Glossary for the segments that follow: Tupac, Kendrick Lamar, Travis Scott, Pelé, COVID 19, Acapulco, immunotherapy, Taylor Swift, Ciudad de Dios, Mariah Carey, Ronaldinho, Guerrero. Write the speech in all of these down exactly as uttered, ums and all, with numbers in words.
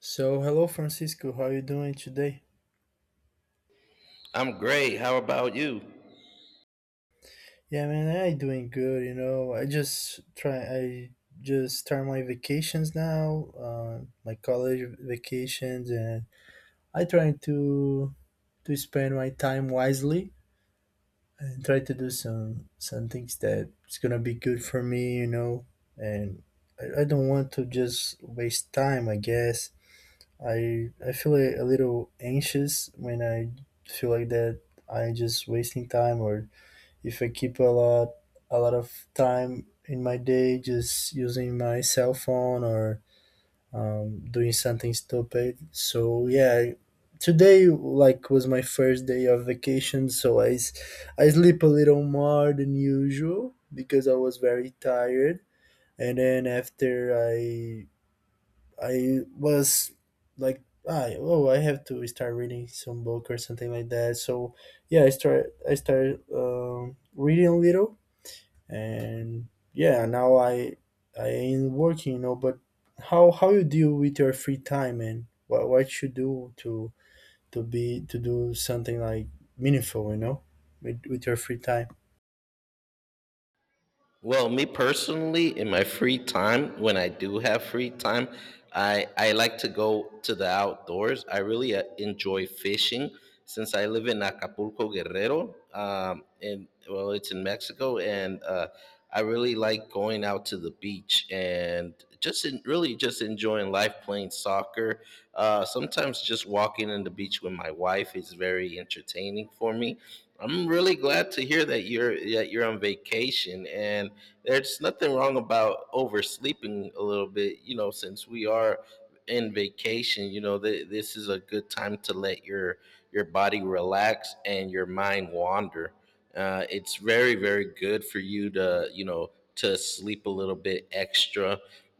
So, hello Francisco, how you doing today? I'm great. How about you? Yeah, man, I doing good, you know. I just try I just start my vacations now, uh, my college vacations and I trying to to spend my time wisely and try to do some some things that is going to be good for me, you know. And I, I don't want to just waste time, I guess. I I feel a, a little anxious when I feel like that I just wasting time, or if I keep a lot a lot of time in my day just using my cell phone or um, doing something stupid. So yeah, today like was my first day of vacation, so I s- I sleep a little more than usual because I was very tired. And then after I I was like I oh, I have to start reading some book or something like that. So yeah, I start I started um, reading a little. And yeah, now i i ain't working, you know, but how how you deal with your free time, and what what you do to to be to do something like meaningful, you know, with, with your free time? Well, me personally, in my free time, when I do have free time, I I like to go to the outdoors. I really uh, enjoy fishing since I live in Acapulco, Guerrero, um, and well, it's in Mexico, and uh, I really like going out to the beach and just in, really just enjoying life, playing soccer. Uh, sometimes just walking on the beach with my wife is very entertaining for me. I'm really glad to hear that you're that you're on vacation, and there's nothing wrong about oversleeping a little bit. You know, since we are in vacation, you know, th- this is a good time to let your your body relax and your mind wander. Uh, it's very very good for you to, you know, to sleep a little bit extra.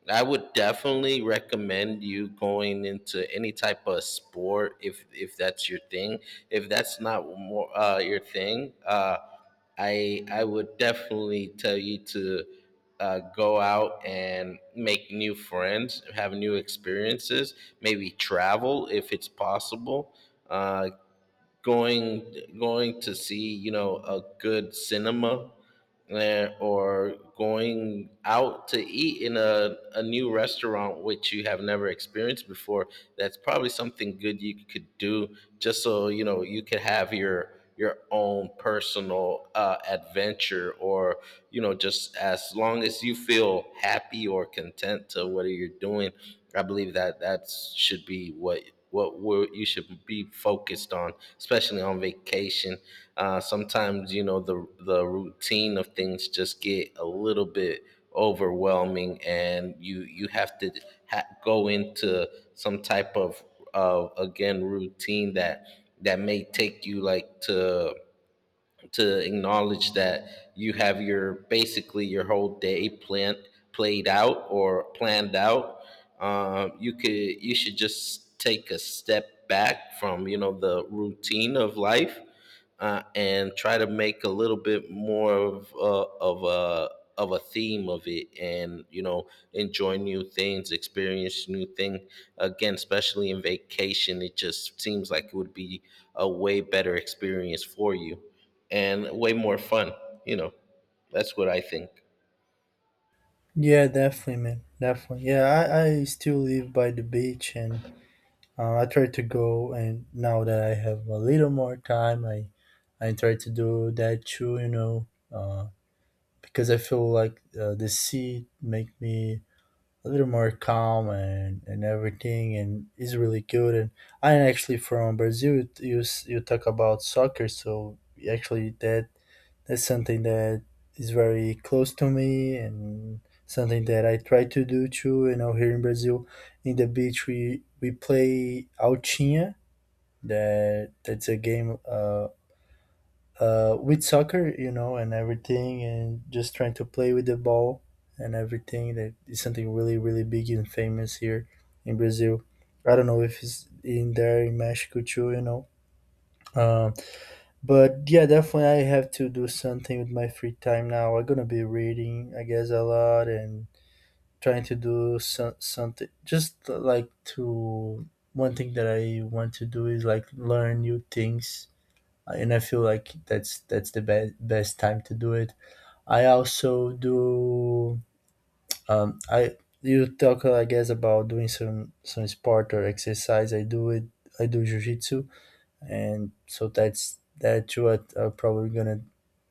I would definitely recommend you going into any type of sport if if that's your thing. If that's not more uh, your thing, uh, I I would definitely tell you to uh, go out and make new friends, have new experiences, maybe travel if it's possible. Uh, going going to see, you know, a good cinema, eh, or going out to eat in a, a new restaurant which you have never experienced before. That's probably something good you could do, just so you know, you could have your your own personal uh, adventure. Or, you know, just as long as you feel happy or content to what you're doing, I believe that that should be what what we're, you should be focused on, especially on vacation. Uh, sometimes, you know, the the routine of things just get a little bit overwhelming, and you you have to ha- go into some type of of again routine, that that may take you like to to acknowledge that you have your, basically your whole day planned played out or planned out. Um, you could, you should just take a step back from, you know, the routine of life, uh, and try to make a little bit more of a, of a of a theme of it, and you know, enjoy new things, experience new things, again especially in vacation. It just seems like it would be a way better experience for you and way more fun. You know, that's what I think. Yeah, definitely, man, definitely. Yeah, i i still live by the beach, and uh, I try to go, and now that I have a little more time, i I try to do that too, you know. uh because I feel like uh, the sea make me a little more calm, and, and everything, and is really good. And I'm actually from Brazil. You, you s- you talk about soccer, so actually that that's something that is very close to me, and something that I try to do too, you know. Here in Brazil, in the beach, we we play altinha. That that's a game, uh, uh, with soccer, you know, and everything, and just trying to play with the ball and everything. That is something really, really big and famous here in Brazil. I don't know if it's in there in Mexico too, you know. Um, but yeah, definitely I have to do something with my free time now. I'm gonna be reading, I guess, a lot, and trying to do so- something. Just like to one thing that I want to do is like learn new things, uh, and I feel like that's that's the be- best time to do it. I also do. Um, I, you talk, I guess, about doing some some sport or exercise. I do it. I do jujitsu, and so that's that's what I'm probably gonna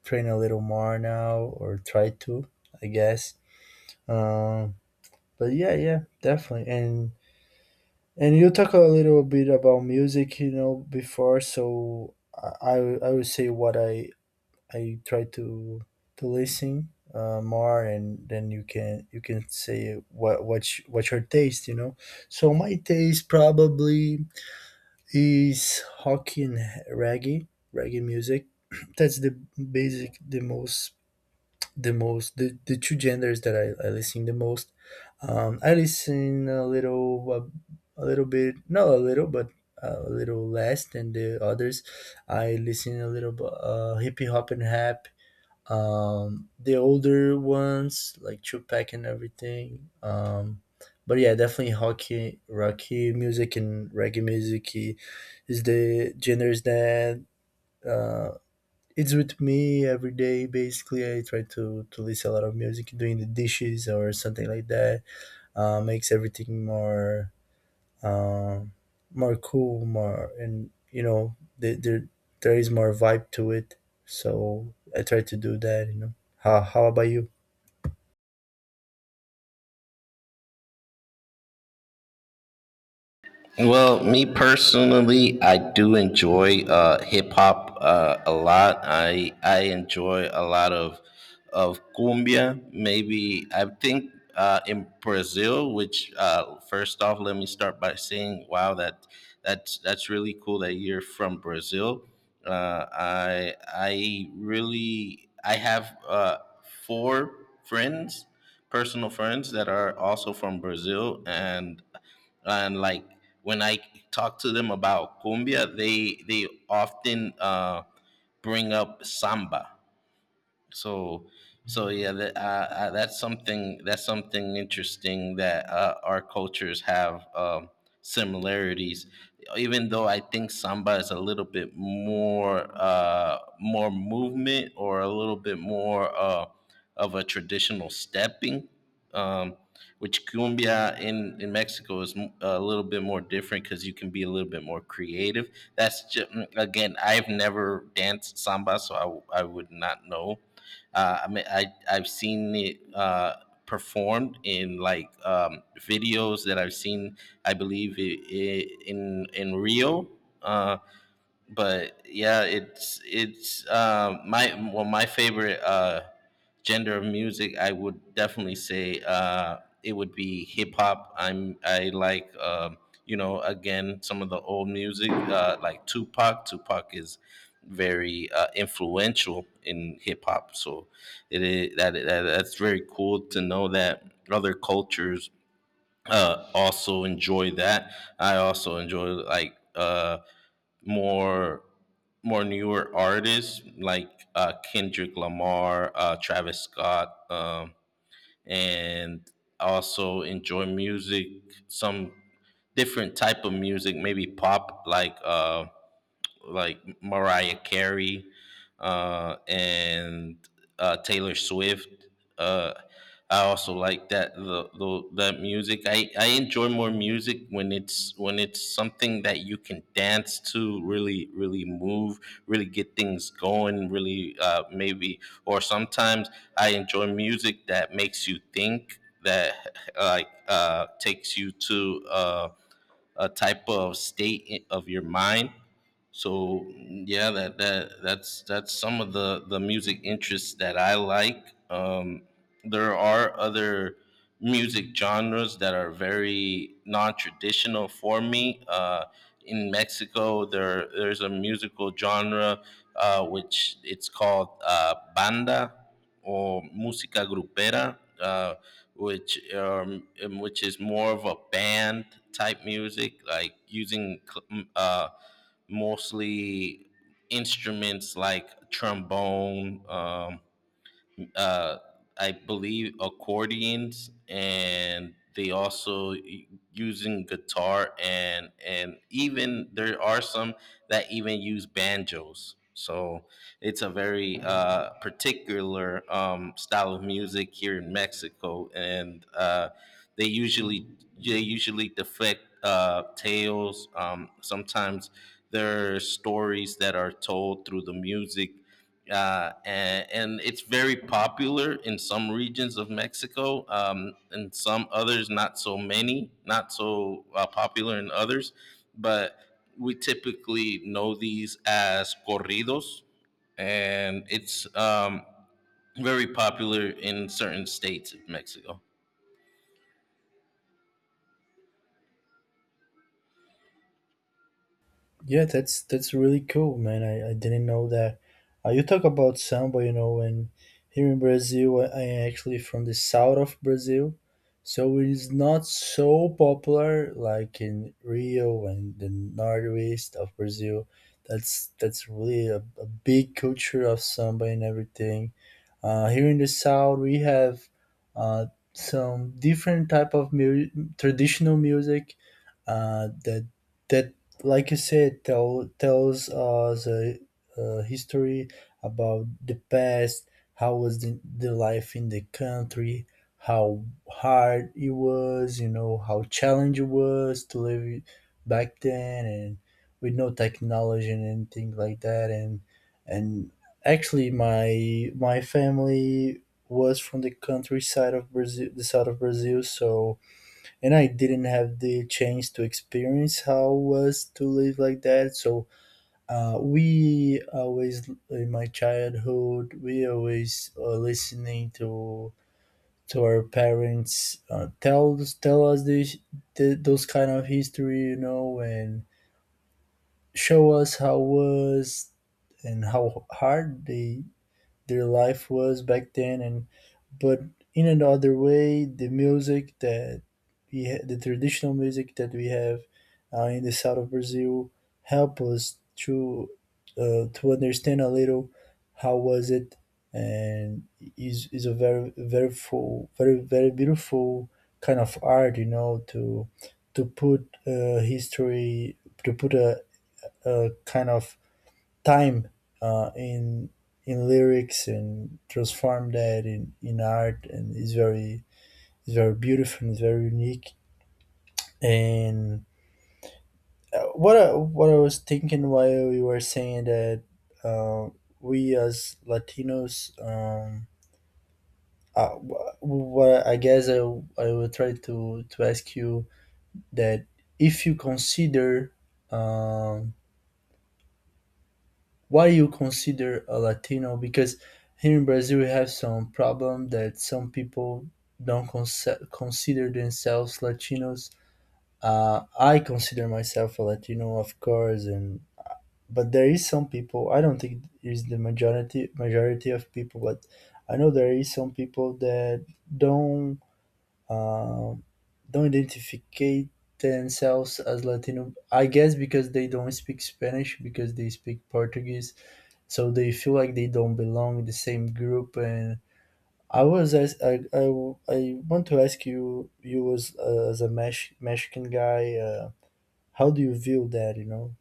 train a little more now, or try to. I guess. Um, but yeah, yeah, definitely. And and you talk a little bit about music, you know, before. So I I I would say what I I try to to listen uh, more, and then you can you can say what what's what's your taste, you know. So my taste probably is hockey and reggae, reggae music. That's the basic, the most, the most, the, the two genders that I, I listen the most. Um, I listen a little, uh, a little bit, not a little, but a little less than the others. I listen a little uh, hip hop and rap. Um the older ones, like Tupac and everything. Um but yeah, definitely hockey, rocky music and reggae music i- is the genres that uh it's with me every day. Basically I try to to listen a lot of music doing the dishes or something like that. Uh makes everything more uh, more cool, more, and you know, there there there is more vibe to it. So I try to do that. You know. How how about you? Well, me personally, I do enjoy uh, hip hop uh, a lot. I I enjoy a lot of of cumbia. Maybe I think uh, in Brazil, which uh, first off, let me start by saying, wow, that that's that's really cool that you're from Brazil. Uh, I I really I have uh, four friends, personal friends, that are also from Brazil, and and like when I talk to them about cumbia, they they often uh, bring up samba. so so yeah, that, uh, uh, that's something that's something interesting that uh, our cultures have, um, similarities. Even though I think samba is a little bit more uh, more movement, or a little bit more uh, of a traditional stepping, um, which cumbia in, in Mexico is m- a little bit more different because you can be a little bit more creative. That's just, again, I've never danced samba, so i, w- I would not know. uh, I mean, I, I've seen it uh, performed in like, um, videos that I've seen. I believe I I in in Rio. Uh, but yeah, it's it's, um, my, well, my favorite uh, gender of music, I would definitely say uh, it would be hip hop. I'm I like, um, you know, again, some of the old music, uh, like Tupac. Tupac is very uh, influential in hip hop, so it is that, that that's very cool to know that other cultures uh, also enjoy that. I also enjoy like, uh, more more newer artists like uh, Kendrick Lamar, uh, Travis Scott, um, and also enjoy music, some different type of music, maybe pop like uh, like Mariah Carey uh, and uh, Taylor Swift. Uh, I also like that the, the that music. I, I enjoy more music when it's when it's something that you can dance to, really really move, really get things going, really uh, maybe. Or sometimes I enjoy music that makes you think, that like uh, takes you to. Uh, a type of state i- of your mind. So yeah, that that that's that's some of the the music interests that I like. Um, there are other music genres that are very non-traditional for me. Uh, in Mexico, there there's a musical genre uh, which it's called uh, banda or música grupera, uh, which um, um, which is more of a band type music, like using cl- m- uh, mostly instruments like trombone. Um, uh, I believe accordions, and they also u- using guitar, and and even there are some that even use banjos. So it's a very uh, particular, um, style of music here in Mexico, and uh, they usually they usually deflect uh, tales. Um, sometimes there are stories that are told through the music, uh, and, and it's very popular in some regions of Mexico, um, and some others not so many, not so uh, popular in others. But we typically know these as corridos, and it's, um, very popular in certain states of Mexico. Yeah, that's that's really cool, man. I, I didn't know that. Uh, you talk about samba, you know, and here in Brazil, I, I am actually from the south of Brazil, so it is not so popular like in Rio and the northeast of Brazil. That's that's really a, a big culture of samba and everything. Uh, here in the south, we have uh, some different type of mu- traditional music uh, that that, like you said, tell, tells us a, a history about the past. How was the, the life in the country? How hard it was, you know, how challenging it was to live back then, and with no technology and anything like that. and and actually, my my family was from the countryside of Brazil, the south of Brazil. So, and I didn't have the chance to experience how it was to live like that. So, uh, we always in my childhood, we always uh, listening to to our parents uh, tell tell us this, th- those kind of history, you know, and show us how was and how hard they their life was back then. And but in another way, the music that we ha- the traditional music that we have uh, in the south of Brazil help us to uh, to understand a little how was it. And is is a very very full, very very beautiful kind of art, you know, to to put uh, history, to put a, a kind of time uh, in in lyrics, and transform that in, in art, and it's very, it's very beautiful, and it's very unique. And uh, what I, what I was thinking while you were saying that, uh, we as Latinos, um, uh, wh- what, I guess, I, I will try to, to ask you that, if you consider, um, what do you consider a Latino? Because here in Brazil, we have some problem that some people don't conce- consider themselves Latinos. Uh, I consider myself a Latino, of course, and but there is some people. I don't think it is the majority majority of people, but I know there is some people that don't uh, don't identify themselves as Latino. I guess because they don't speak Spanish, because they speak Portuguese, so they feel like they don't belong in the same group. And I was as I, I, I want to ask you, you as uh, as a Mex- mexican guy, uh, how do you view that, you know?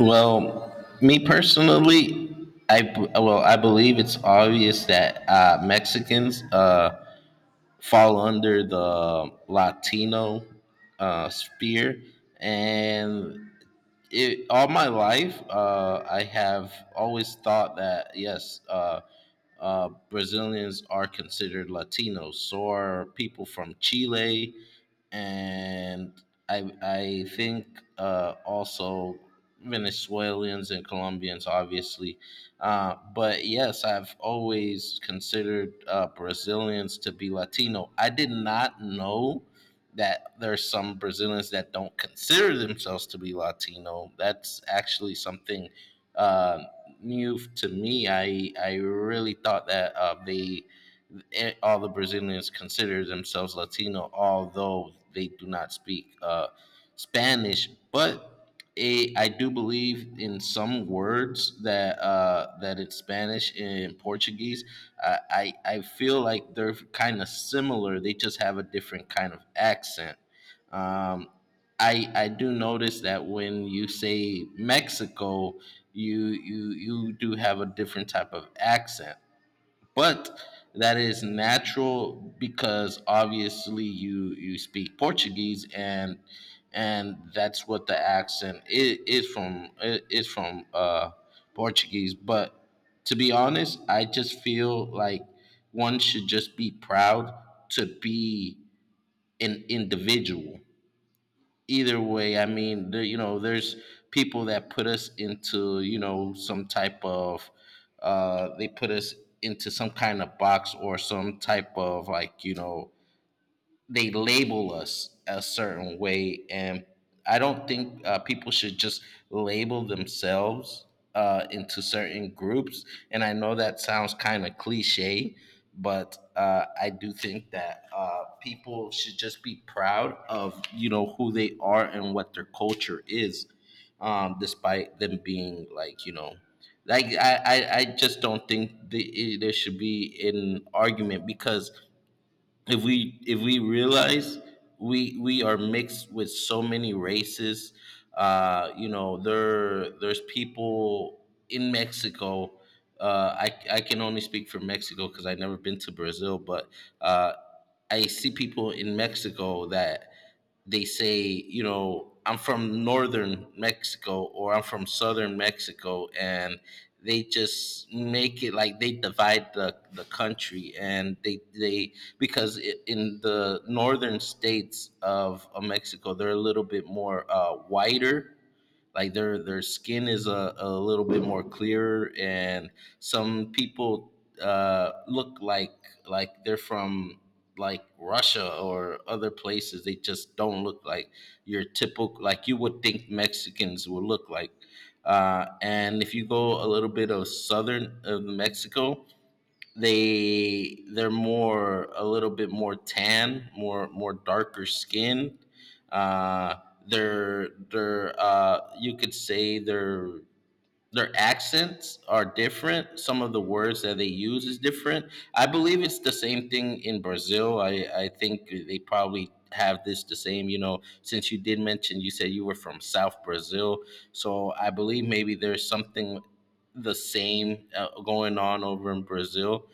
Well, me personally, I, well, I believe it's obvious that uh, Mexicans, Uh, fall under the Latino uh, sphere, and it, all my life, uh, I have always thought that yes, uh, uh, Brazilians are considered Latinos, or people from Chile, and I I think uh, also Venezuelans and Colombians, obviously. Uh, but yes, I've always considered uh, Brazilians to be Latino. I did not know that there's some Brazilians that don't consider themselves to be Latino. That's actually something uh, new to me. I I really thought that uh, they, eh, all the Brazilians consider themselves Latino, although they do not speak uh, Spanish. But a I do believe in some words that uh, that in Spanish and Portuguese, I I, I feel like they're kind of similar. They just have a different kind of accent. Um, I I do notice that when you say Mexico, you you you do have a different type of accent, but that is natural because obviously you you speak Portuguese, and and that's what the accent is, is from i- is from uh, Portuguese. But to be honest, I just feel like one should just be proud to be an individual either way. I mean, there, you know, there's people that put us into, you know, some type of, uh, they put us into some kind of box or some type of like, you know, they label us a certain way, and I don't think uh, people should just label themselves uh, into certain groups. And I know that sounds kind of cliche, but uh, I do think that uh, people should just be proud of, you know, who they are and what their culture is, um, despite them being like, you know, like, I, I, I just don't think the, it- there should be an argument. Because if we if we realize we we are mixed with so many races, uh you know, there there's people in Mexico, uh i I can only speak for Mexico because I've never been to Brazil. But uh I see people in Mexico that they say, you know, I'm from northern Mexico or I'm from southern Mexico, and they just make it like they divide the, the country. And they they, because I in the northern states of, of Mexico, they're a little bit more uh, whiter, like their their skin is a, a little bit more clearer, and some people uh, look like like they're from like Russia or other places. They just don't look like your typical, like you would think Mexicans would look like. Uh, and if you go a little bit of southern of Mexico, they they're more a little bit more tan, more more darker skinned. Uh, they're they're uh, you could say they're, their accents are different. Some of the words that they use is different. I believe it's the same thing in Brazil. I, I think they probably have this the same, you know, since you did mention you said you were from South Brazil. So I believe maybe there's something the same uh, going on over in Brazil,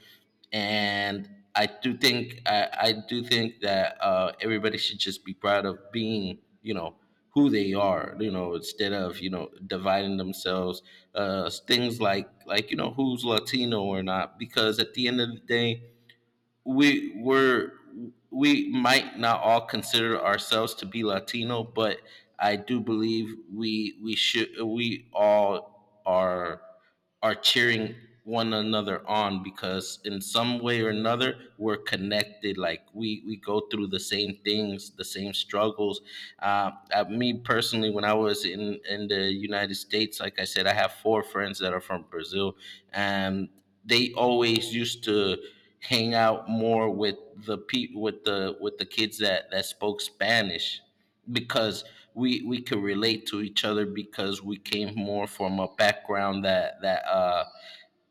and I do think I, I do think that uh, everybody should just be proud of being, you know, who they are, you know, instead of, you know, dividing themselves uh, things like like, you know, who's Latino or not, because at the end of the day we were we might not all consider ourselves to be Latino, but I do believe we we should we all are are cheering one another on, because in some way or another we're connected. Like we we go through the same things, the same struggles. Uh, uh, me personally, when i was in in the United States, like I said, I have four friends that are from Brazil, and they always used to hang out more with the people with the with the kids that that spoke Spanish, because we we could relate to each other. Because we came more from a background that that uh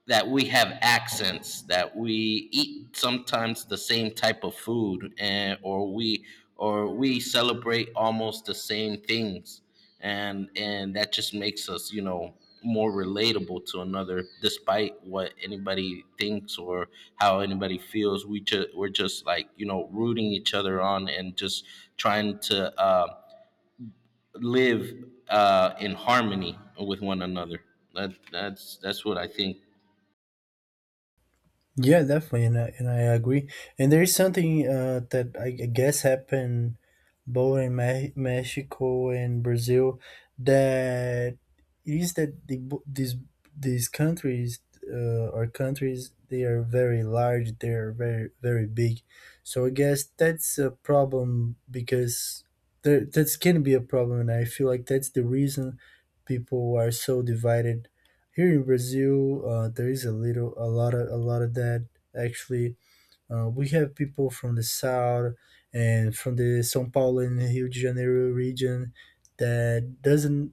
that we have accents, that we eat sometimes the same type of food, and or we or we celebrate almost the same things, and and that just makes us, you know, more relatable to another, despite what anybody thinks or how anybody feels. We just we're just, like, you know, rooting each other on, and just trying to uh, live uh, in harmony with one another. That that's that's what I think. Yeah, definitely, and I, and I agree. And there is something uh, that I g- guess happened both in Me- Mexico and Brazil, that is that the, bo- these these countries uh, are countries, they are very large, they are very very big. So I guess that's a problem, because there that's can be a problem, and I feel like that's the reason people are so divided. Here in Brazil, uh, there is a little, a lot of, a lot of that. Actually, uh, we have people from the south and from the São Paulo and Rio de Janeiro region that doesn't.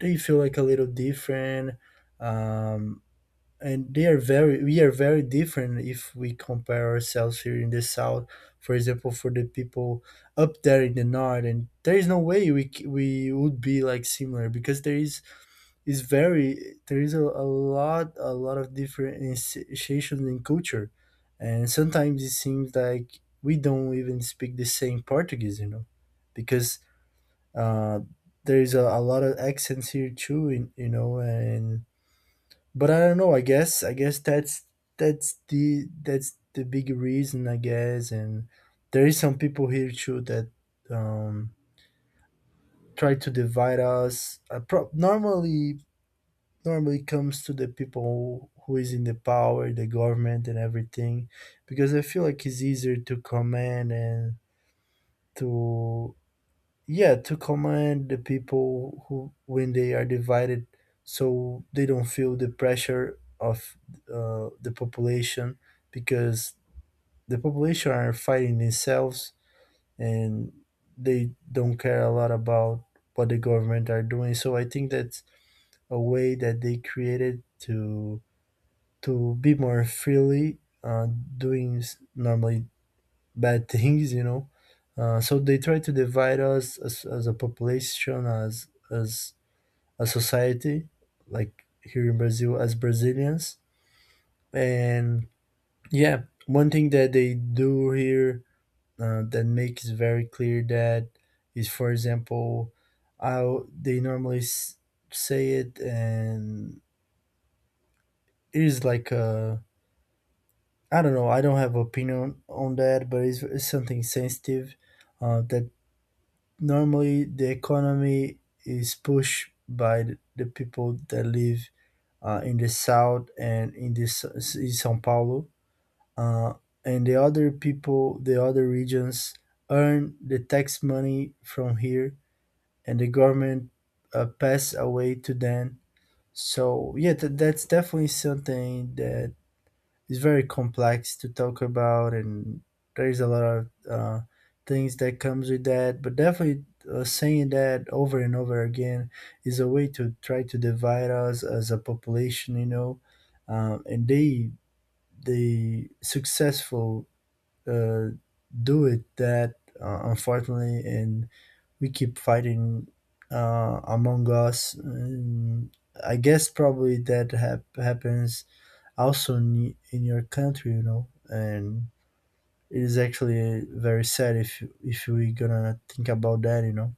They feel like a little different, um, and they are very. We are very different if we compare ourselves here in the south. For example, for the people up there in the north. And there is no way we c- we would be like similar, because there is is very, there is a, a lot a lot of differentiation in culture. And sometimes it seems like we don't even speak the same Portuguese, you know, because uh there is a, a lot of accents here too in, you know. And but I don't know, i guess I guess that's that's the that's the big reason, I guess. And there is some people here too that um try to divide us. Uh, pro- normally normally comes to the people who is in the power, the government and everything, because I feel like it's easier to command, and to, yeah, to command the people who when they are divided, so they don't feel the pressure of uh, the population, because the population are fighting themselves, and they don't care a lot about what the government are doing. So I think that's a way that they created to to be more freely uh, doing s- normally bad things, you know. Uh, so they try to divide us as, as a population, as as a society, like here in Brazil, as Brazilians. And yeah, one thing that they do here uh, that makes very clear that is, for example, how they normally s- say it, and it is like a, I don't know. I don't have opinion on that, but it's, it's something sensitive uh, that normally the economy is pushed by the, the people that live uh, in the south and in this in São Paulo, uh, and the other people, the other regions earn the tax money from here, and the government uh, pass away to them. So yeah, th- that's definitely something that it's very complex to talk about, and there's a lot of uh, things that comes with that, but definitely uh, saying that over and over again is a way to try to divide us as a population you know um, and they they successful uh, do it that, uh, unfortunately, and we keep fighting uh, among us. And I guess probably that hap- happens also in, in your country, you know. And it is actually very sad if if we gonna think about that, you know.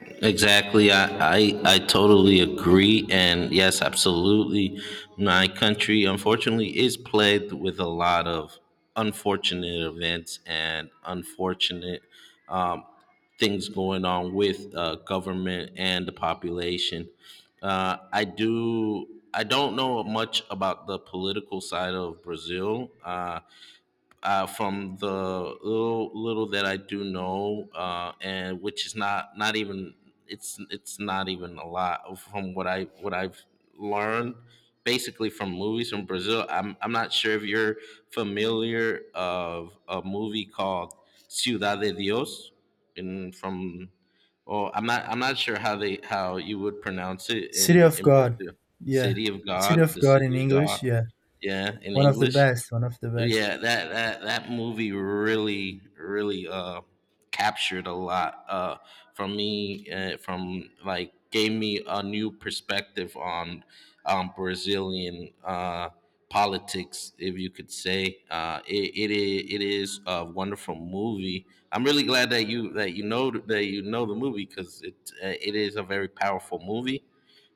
Exactly. I, I I totally agree. And yes, absolutely. My country, unfortunately, is plagued with a lot of unfortunate events and unfortunate um, things going on with uh, government and the population. Uh, I do. I don't know much about the political side of Brazil. Uh, uh, from the little little that I do know, uh, and which is not not even it's it's not even a lot of- from what I what I've learned basically from movies from Brazil. I'm I'm not sure if you're familiar of a movie called Ciudad de Dios in from. Oh, I'm not I'm not sure how they how you would pronounce it City in of in God, Brazil. yeah, City of City God, of the God in city of God. English, yeah, Yeah, in one of the English. best, one of the best. Yeah, that that that movie really really uh captured a lot uh from me, uh, from like gave me a new perspective on um Brazilian uh politics, if you could say. uh it it is, it is a wonderful movie. I'm really glad that you that you know that you know the movie, cuz it uh, it is a very powerful movie.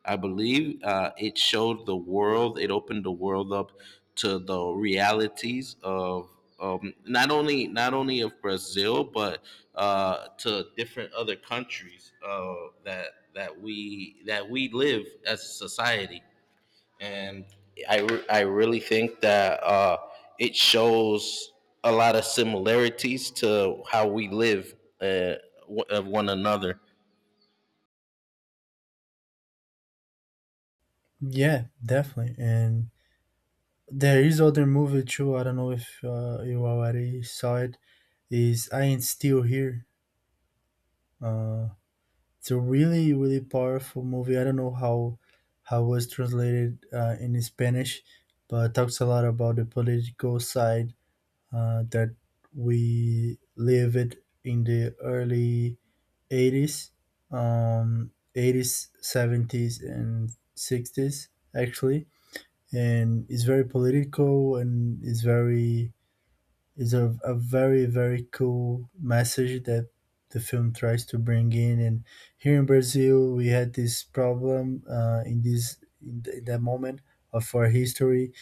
I believe uh, it showed the world, it opened the world up to the realities of, um, not only not only of Brazil, but uh, to different other countries, uh, that that we that we live as a society. And I, re- I really think that, uh, it shows a lot of similarities to how we live, uh, w- of one another. Yeah, definitely. And there is other movie too. I don't know if uh, you already saw it. Is I Ain't Still Here. Uh, It's a really really powerful movie. I don't know how how it was translated uh, in Spanish, but it talks a lot about the political side uh, that we lived in the early eighties, um, eighties, seventies, and sixties actually, and it's very political, and it's very is a, a very very cool message that the film tries to bring in. And here in Brazil, we had this problem uh, in this in, th- in that moment of our history,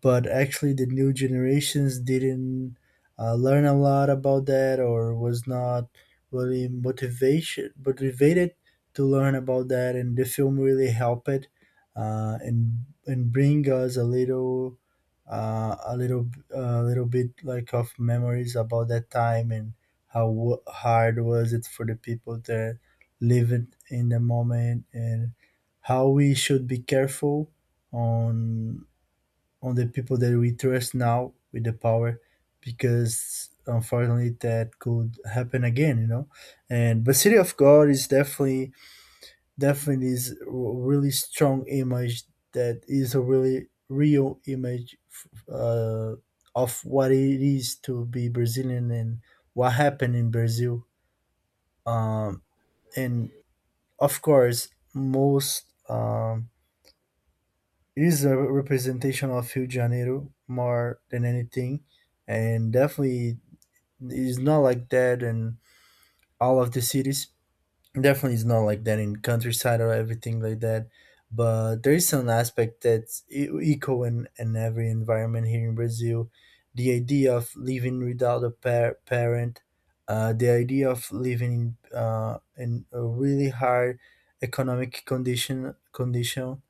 but actually the new generations didn't uh, learn a lot about that, or was not really motivation motivated to learn about that. And the film really helped it, uh, and and bring us a little, uh, a little a little bit like of memories about that time, and how w- hard was it for the people that live it in the moment, and how we should be careful on on the people that we trust now with the power, because unfortunately that could happen again, you know. And but City of God is definitely definitely is a really strong image, that is a really real image uh, of what it is to be Brazilian and what happened in Brazil. um, and of course, most, um, it is a representation of Rio de Janeiro more than anything, and definitely is not like that in all of the cities. Definitely is not like that in countryside or everything like that. But there is some aspect that's e- equal in, in every environment here in Brazil. The idea of living without a par- parent, uh, the idea of living uh, in a really hard economic condition condition,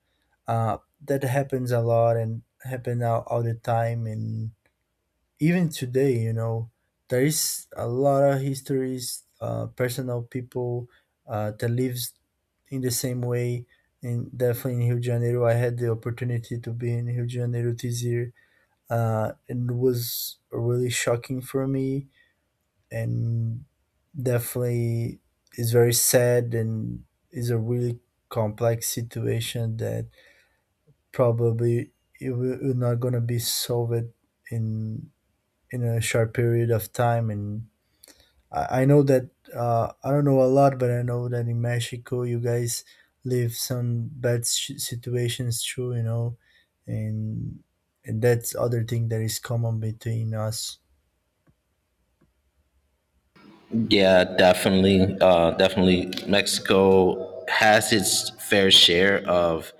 uh, that happens a lot and happen all, all the time, and even today, you know, there is a lot of histories, uh, personal people uh, that lives in the same way. And definitely in Rio de Janeiro, I had the opportunity to be in Rio de Janeiro this year, uh, and it was really shocking for me, and definitely is very sad, and is a really complex situation that probably it will it not gonna be solved in in a short period of time. And I, I know that uh, I don't know a lot, but I know that in Mexico you guys live some bad sh- situations too, you know. and and that's other thing that is common between us. Yeah, definitely. Uh, definitely. Mexico has its fair share of,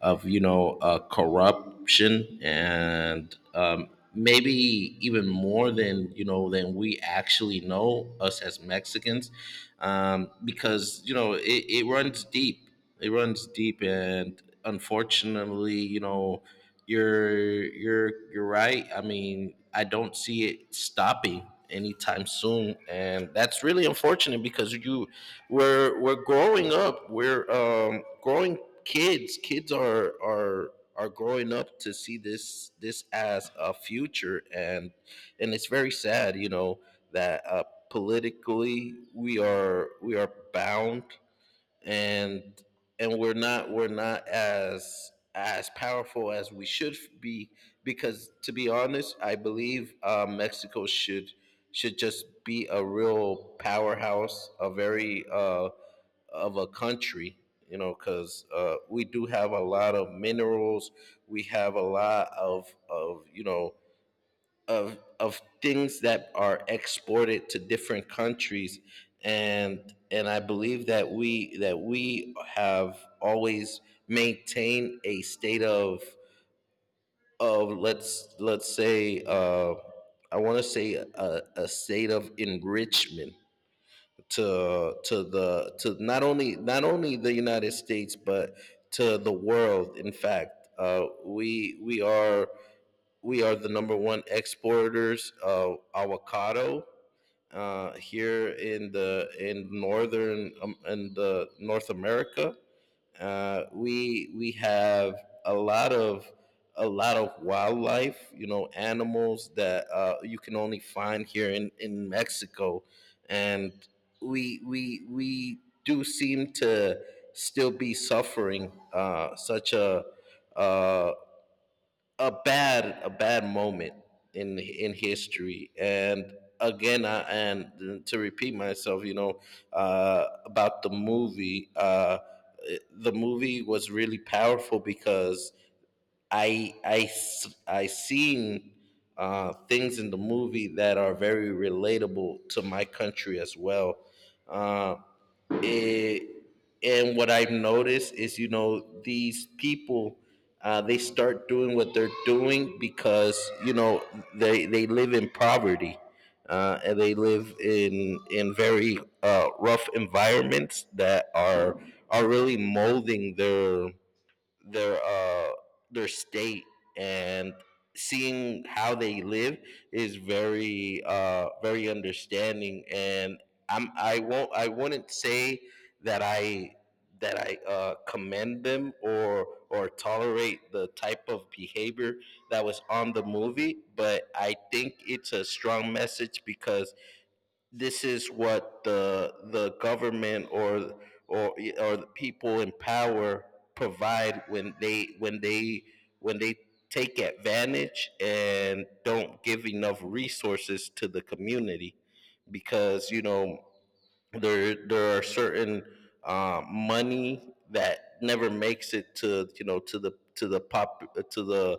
of you know, uh, corruption, and um, maybe even more than, you know, than we actually know us as Mexicans, um, because, you know, it, it runs deep. It runs deep, and unfortunately, you know, you're you're you're right. I mean, I don't see it stopping anytime soon, and that's really unfortunate, because you we're we're growing up. We're um, growing kids. Kids are are are growing up to see this this as a future, and and it's very sad, you know, that uh, politically we are we are bound, and and we're not we're not as as powerful as we should be. Because to be honest, I believe uh, Mexico should should just be a real powerhouse, a very, uh, of a country, you know. Because uh, we do have a lot of minerals, we have a lot of of you know, of of things that are exported to different countries. and and I believe that we that we have always maintained a state of of let's let's say, uh, I want to say a, a state of enrichment to to the to not only not only the United States, but to the world. In fact, uh, we we are we are the number one exporters of avocado, uh, here in the in northern, um, in the North America. Uh, we we have a lot of a lot of wildlife, you know, animals that, uh, you can only find here in in Mexico. And we we we do seem to still be suffering, uh, such a, uh, a bad a bad moment in in history. And again, I, and to repeat myself, you know, uh, about the movie, uh, the movie was really powerful, because I I s- I seen, uh, things in the movie that are very relatable to my country as well. Uh, it, and what I've noticed is, you know, these people, uh, they start doing what they're doing because, you know, they they live in poverty. Uh, and they live in in very, uh, rough environments that are are really molding their their uh their state, and seeing how they live is very uh very understanding. And I'm I won't I wouldn't say that I that I uh, commend them or or tolerate the type of behavior that was on the movie, but I think it's a strong message, because this is what the the government or or or the people in power provide when they when they when they take advantage and don't give enough resources to the community. Because, you know, there there are certain, uh, money that never makes it to, you know, to the to the pop to the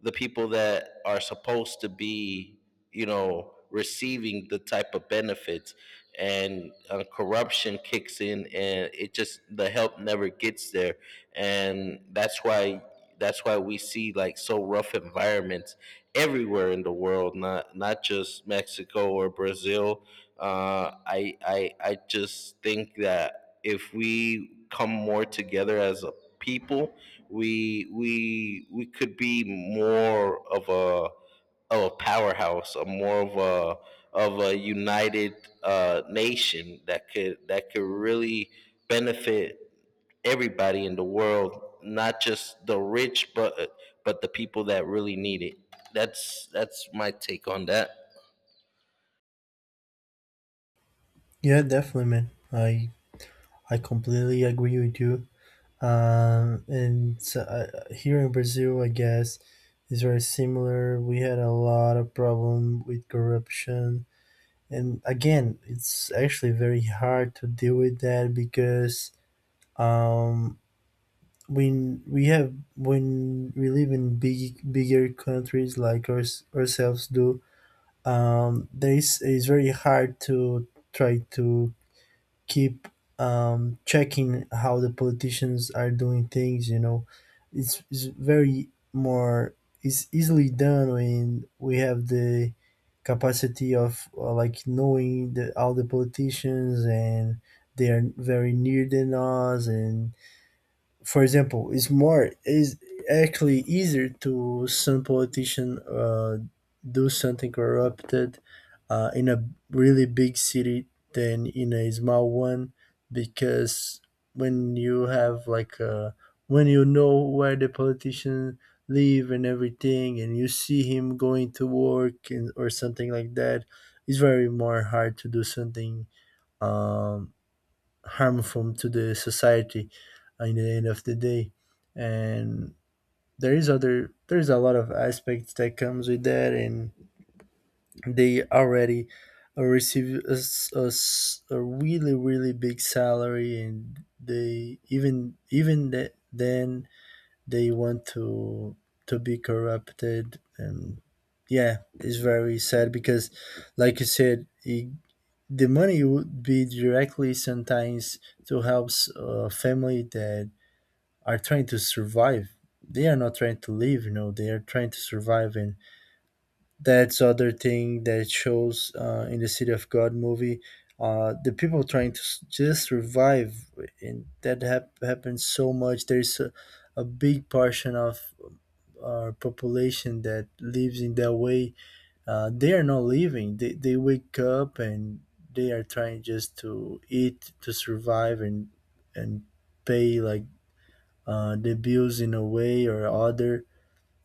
the people that are supposed to be, you know, receiving the type of benefits. And uh, corruption kicks in, and it just the help never gets there. And that's why that's why we see like so rough environments everywhere in the world, not not just Mexico or Brazil. uh, I, I, I just think that if we come more together as a people, we, we, we could be more of a, of a powerhouse, a more of a, of a united, uh, nation that could, that could really benefit everybody in the world, not just the rich, but, but the people that really need it. That's, that's my take on that. Yeah, definitely, man. I I completely agree with you. Um, and so, uh, here in Brazil, I guess, is very similar. We had a lot of problem with corruption, and again, it's actually very hard to deal with that because, um, when we have when we live in big bigger countries like ours, ourselves do, um, there is it's very hard to try to keep um, checking how the politicians are doing things. You know, it's, it's very more it's easily done when we have the capacity of uh, like knowing the, all the politicians, and they are very near than us. And for example, it's more is actually easier to some politician uh, do something corrupted uh, in a really big city than in a small one, because when you have like uh when you know where the politician live and everything, and you see him going to work and, or something like that, it's very more hard to do something um harmful to the society in the end of the day. And there is other there is a lot of aspects that comes with that. And they already uh, receive a, s- a s- a really really big salary, and they even even that then they want to to be corrupted. And yeah, it's very sad, because like you said it, the money would be directly sometimes to help a family that are trying to survive. They are not trying to live, you know, they are trying to survive, and that's other thing that shows uh, in the City of God movie, uh, the people trying to s- just survive. And that hap- happens so much. There's a, a big portion of our population that lives in that way. Uh, they are not living. They, they wake up, and they are trying just to eat to survive, and and pay like, uh, the bills in a way or other.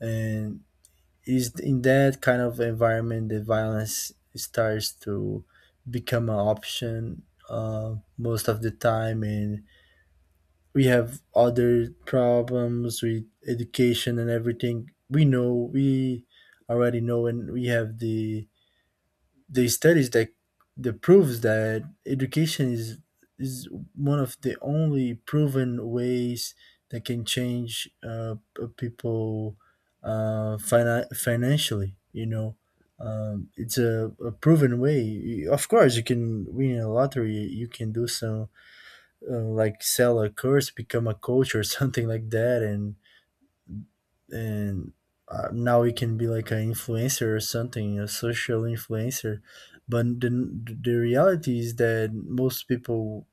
And is in that kind of environment that violence starts to become an option uh, most of the time. And we have other problems with education and everything. We know we already know, and we have the the studies that that proves that education is is one of the only proven ways that can change uh, p- people uh, fina- financially. You know, um, it's a, a proven way. You- Of course, you can win a lottery. You can do some, uh, like sell a course, become a coach, or something like that, and and uh, now we can be like an influencer or something, a social influencer. But the the reality is that most people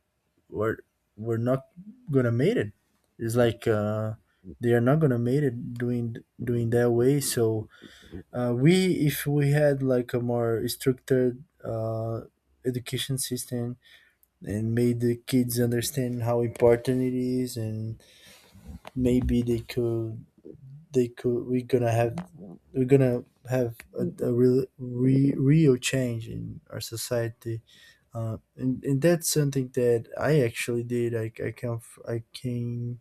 were were not gonna made it. It's like uh, they are not gonna made it doing doing that way. So uh, we, if we had like a more structured uh, education system, and made the kids understand how important it is, and maybe they could they could we're gonna have we're gonna have a, a real re, real change in our society, uh, and, and that's something that I actually did. i, I come f- i came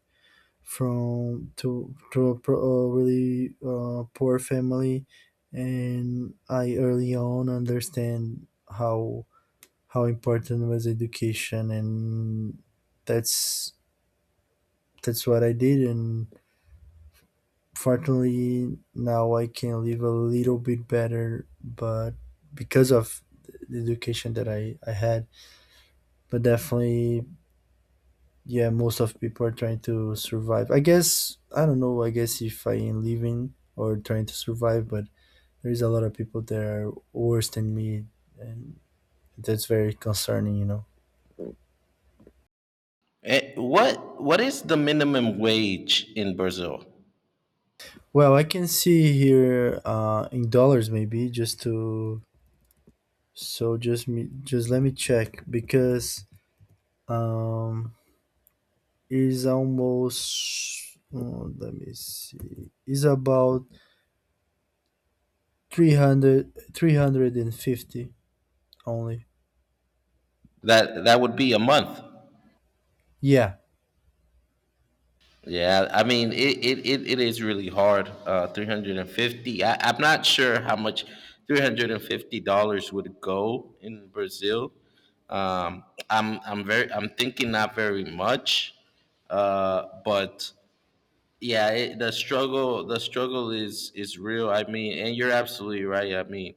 from to to a, pro- a really uh, poor family, and I early on understand how how important was education, and that's that's what I did. And fortunately now I can live a little bit better, but because of the education that I, I had. But definitely, yeah, most of people are trying to survive. I guess, I don't know, I guess if I am living or trying to survive, but there is a lot of people that are worse than me, and that's very concerning, you know. Eh, what what is the minimum wage in Brazil? Well, I can see here uh, in dollars, maybe just to so just me just let me check, because um is almost, oh, let me see, is about three hundred, three hundred and fifty only. That that would be a month. Yeah, Yeah, I mean it it, it, it is really hard. Uh, three hundred and fifty. I, I'm not sure how much three hundred and fifty dollars would go in Brazil. Um, I'm I'm very I'm thinking not very much. Uh, but yeah, it, the struggle the struggle is is real. I mean, and you're absolutely right. I mean,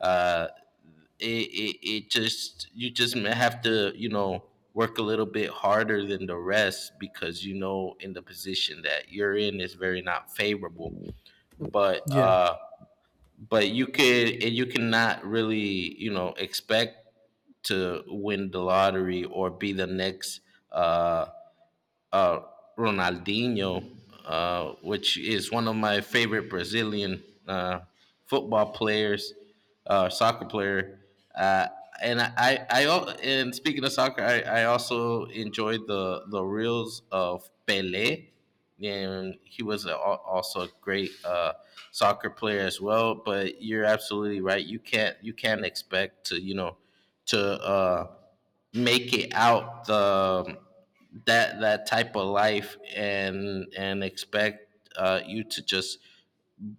uh, it, it, it just you just may have to, you know, work a little bit harder than the rest, because, you know, in the position that you're in is very not favorable. But yeah, uh but you could, and you cannot really, you know, expect to win the lottery or be the next, uh uh, Ronaldinho, uh, which is one of my favorite Brazilian, uh, football players, uh, soccer player. Uh, and I, I, I, al- and speaking of soccer, I, I also enjoyed the the reels of Pelé, and he was a, al- also a great, uh, soccer player as well. But you're absolutely right. You can't you can't expect to, you know, to uh, make it out the that that type of life, and and expect, uh, you to just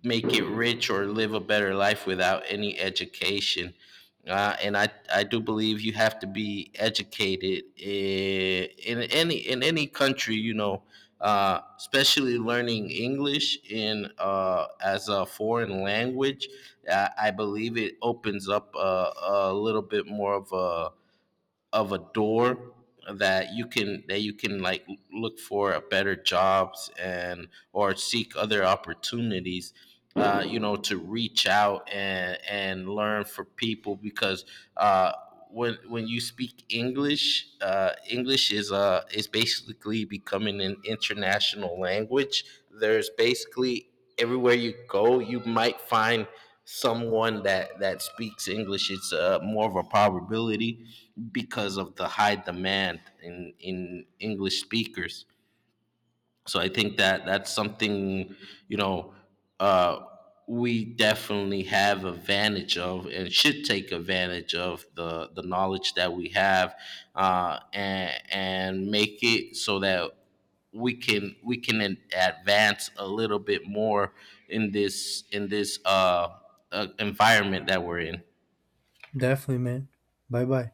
make it rich or live a better life without any education. Uh, and I, I do believe you have to be educated in, in any in any country, you know, uh, especially learning English in uh, as a foreign language. Uh, I believe it opens up a, a little bit more of a of a door that you can that you can like look for a better jobs and or seek other opportunities, uh, you know, to reach out and and learn for people. Because uh, when when you speak English, uh, English is uh is basically becoming an international language. There's basically everywhere you go, you might find someone that that speaks English. It's, uh, more of a probability because of the high demand in in English speakers. So I think that that's something, you know, uh, we definitely have advantage of, and should take advantage of the the knowledge that we have, uh, and and make it so that we can we can an- advance a little bit more in this in this uh, uh, environment that we're in. definitely, man. Bye bye.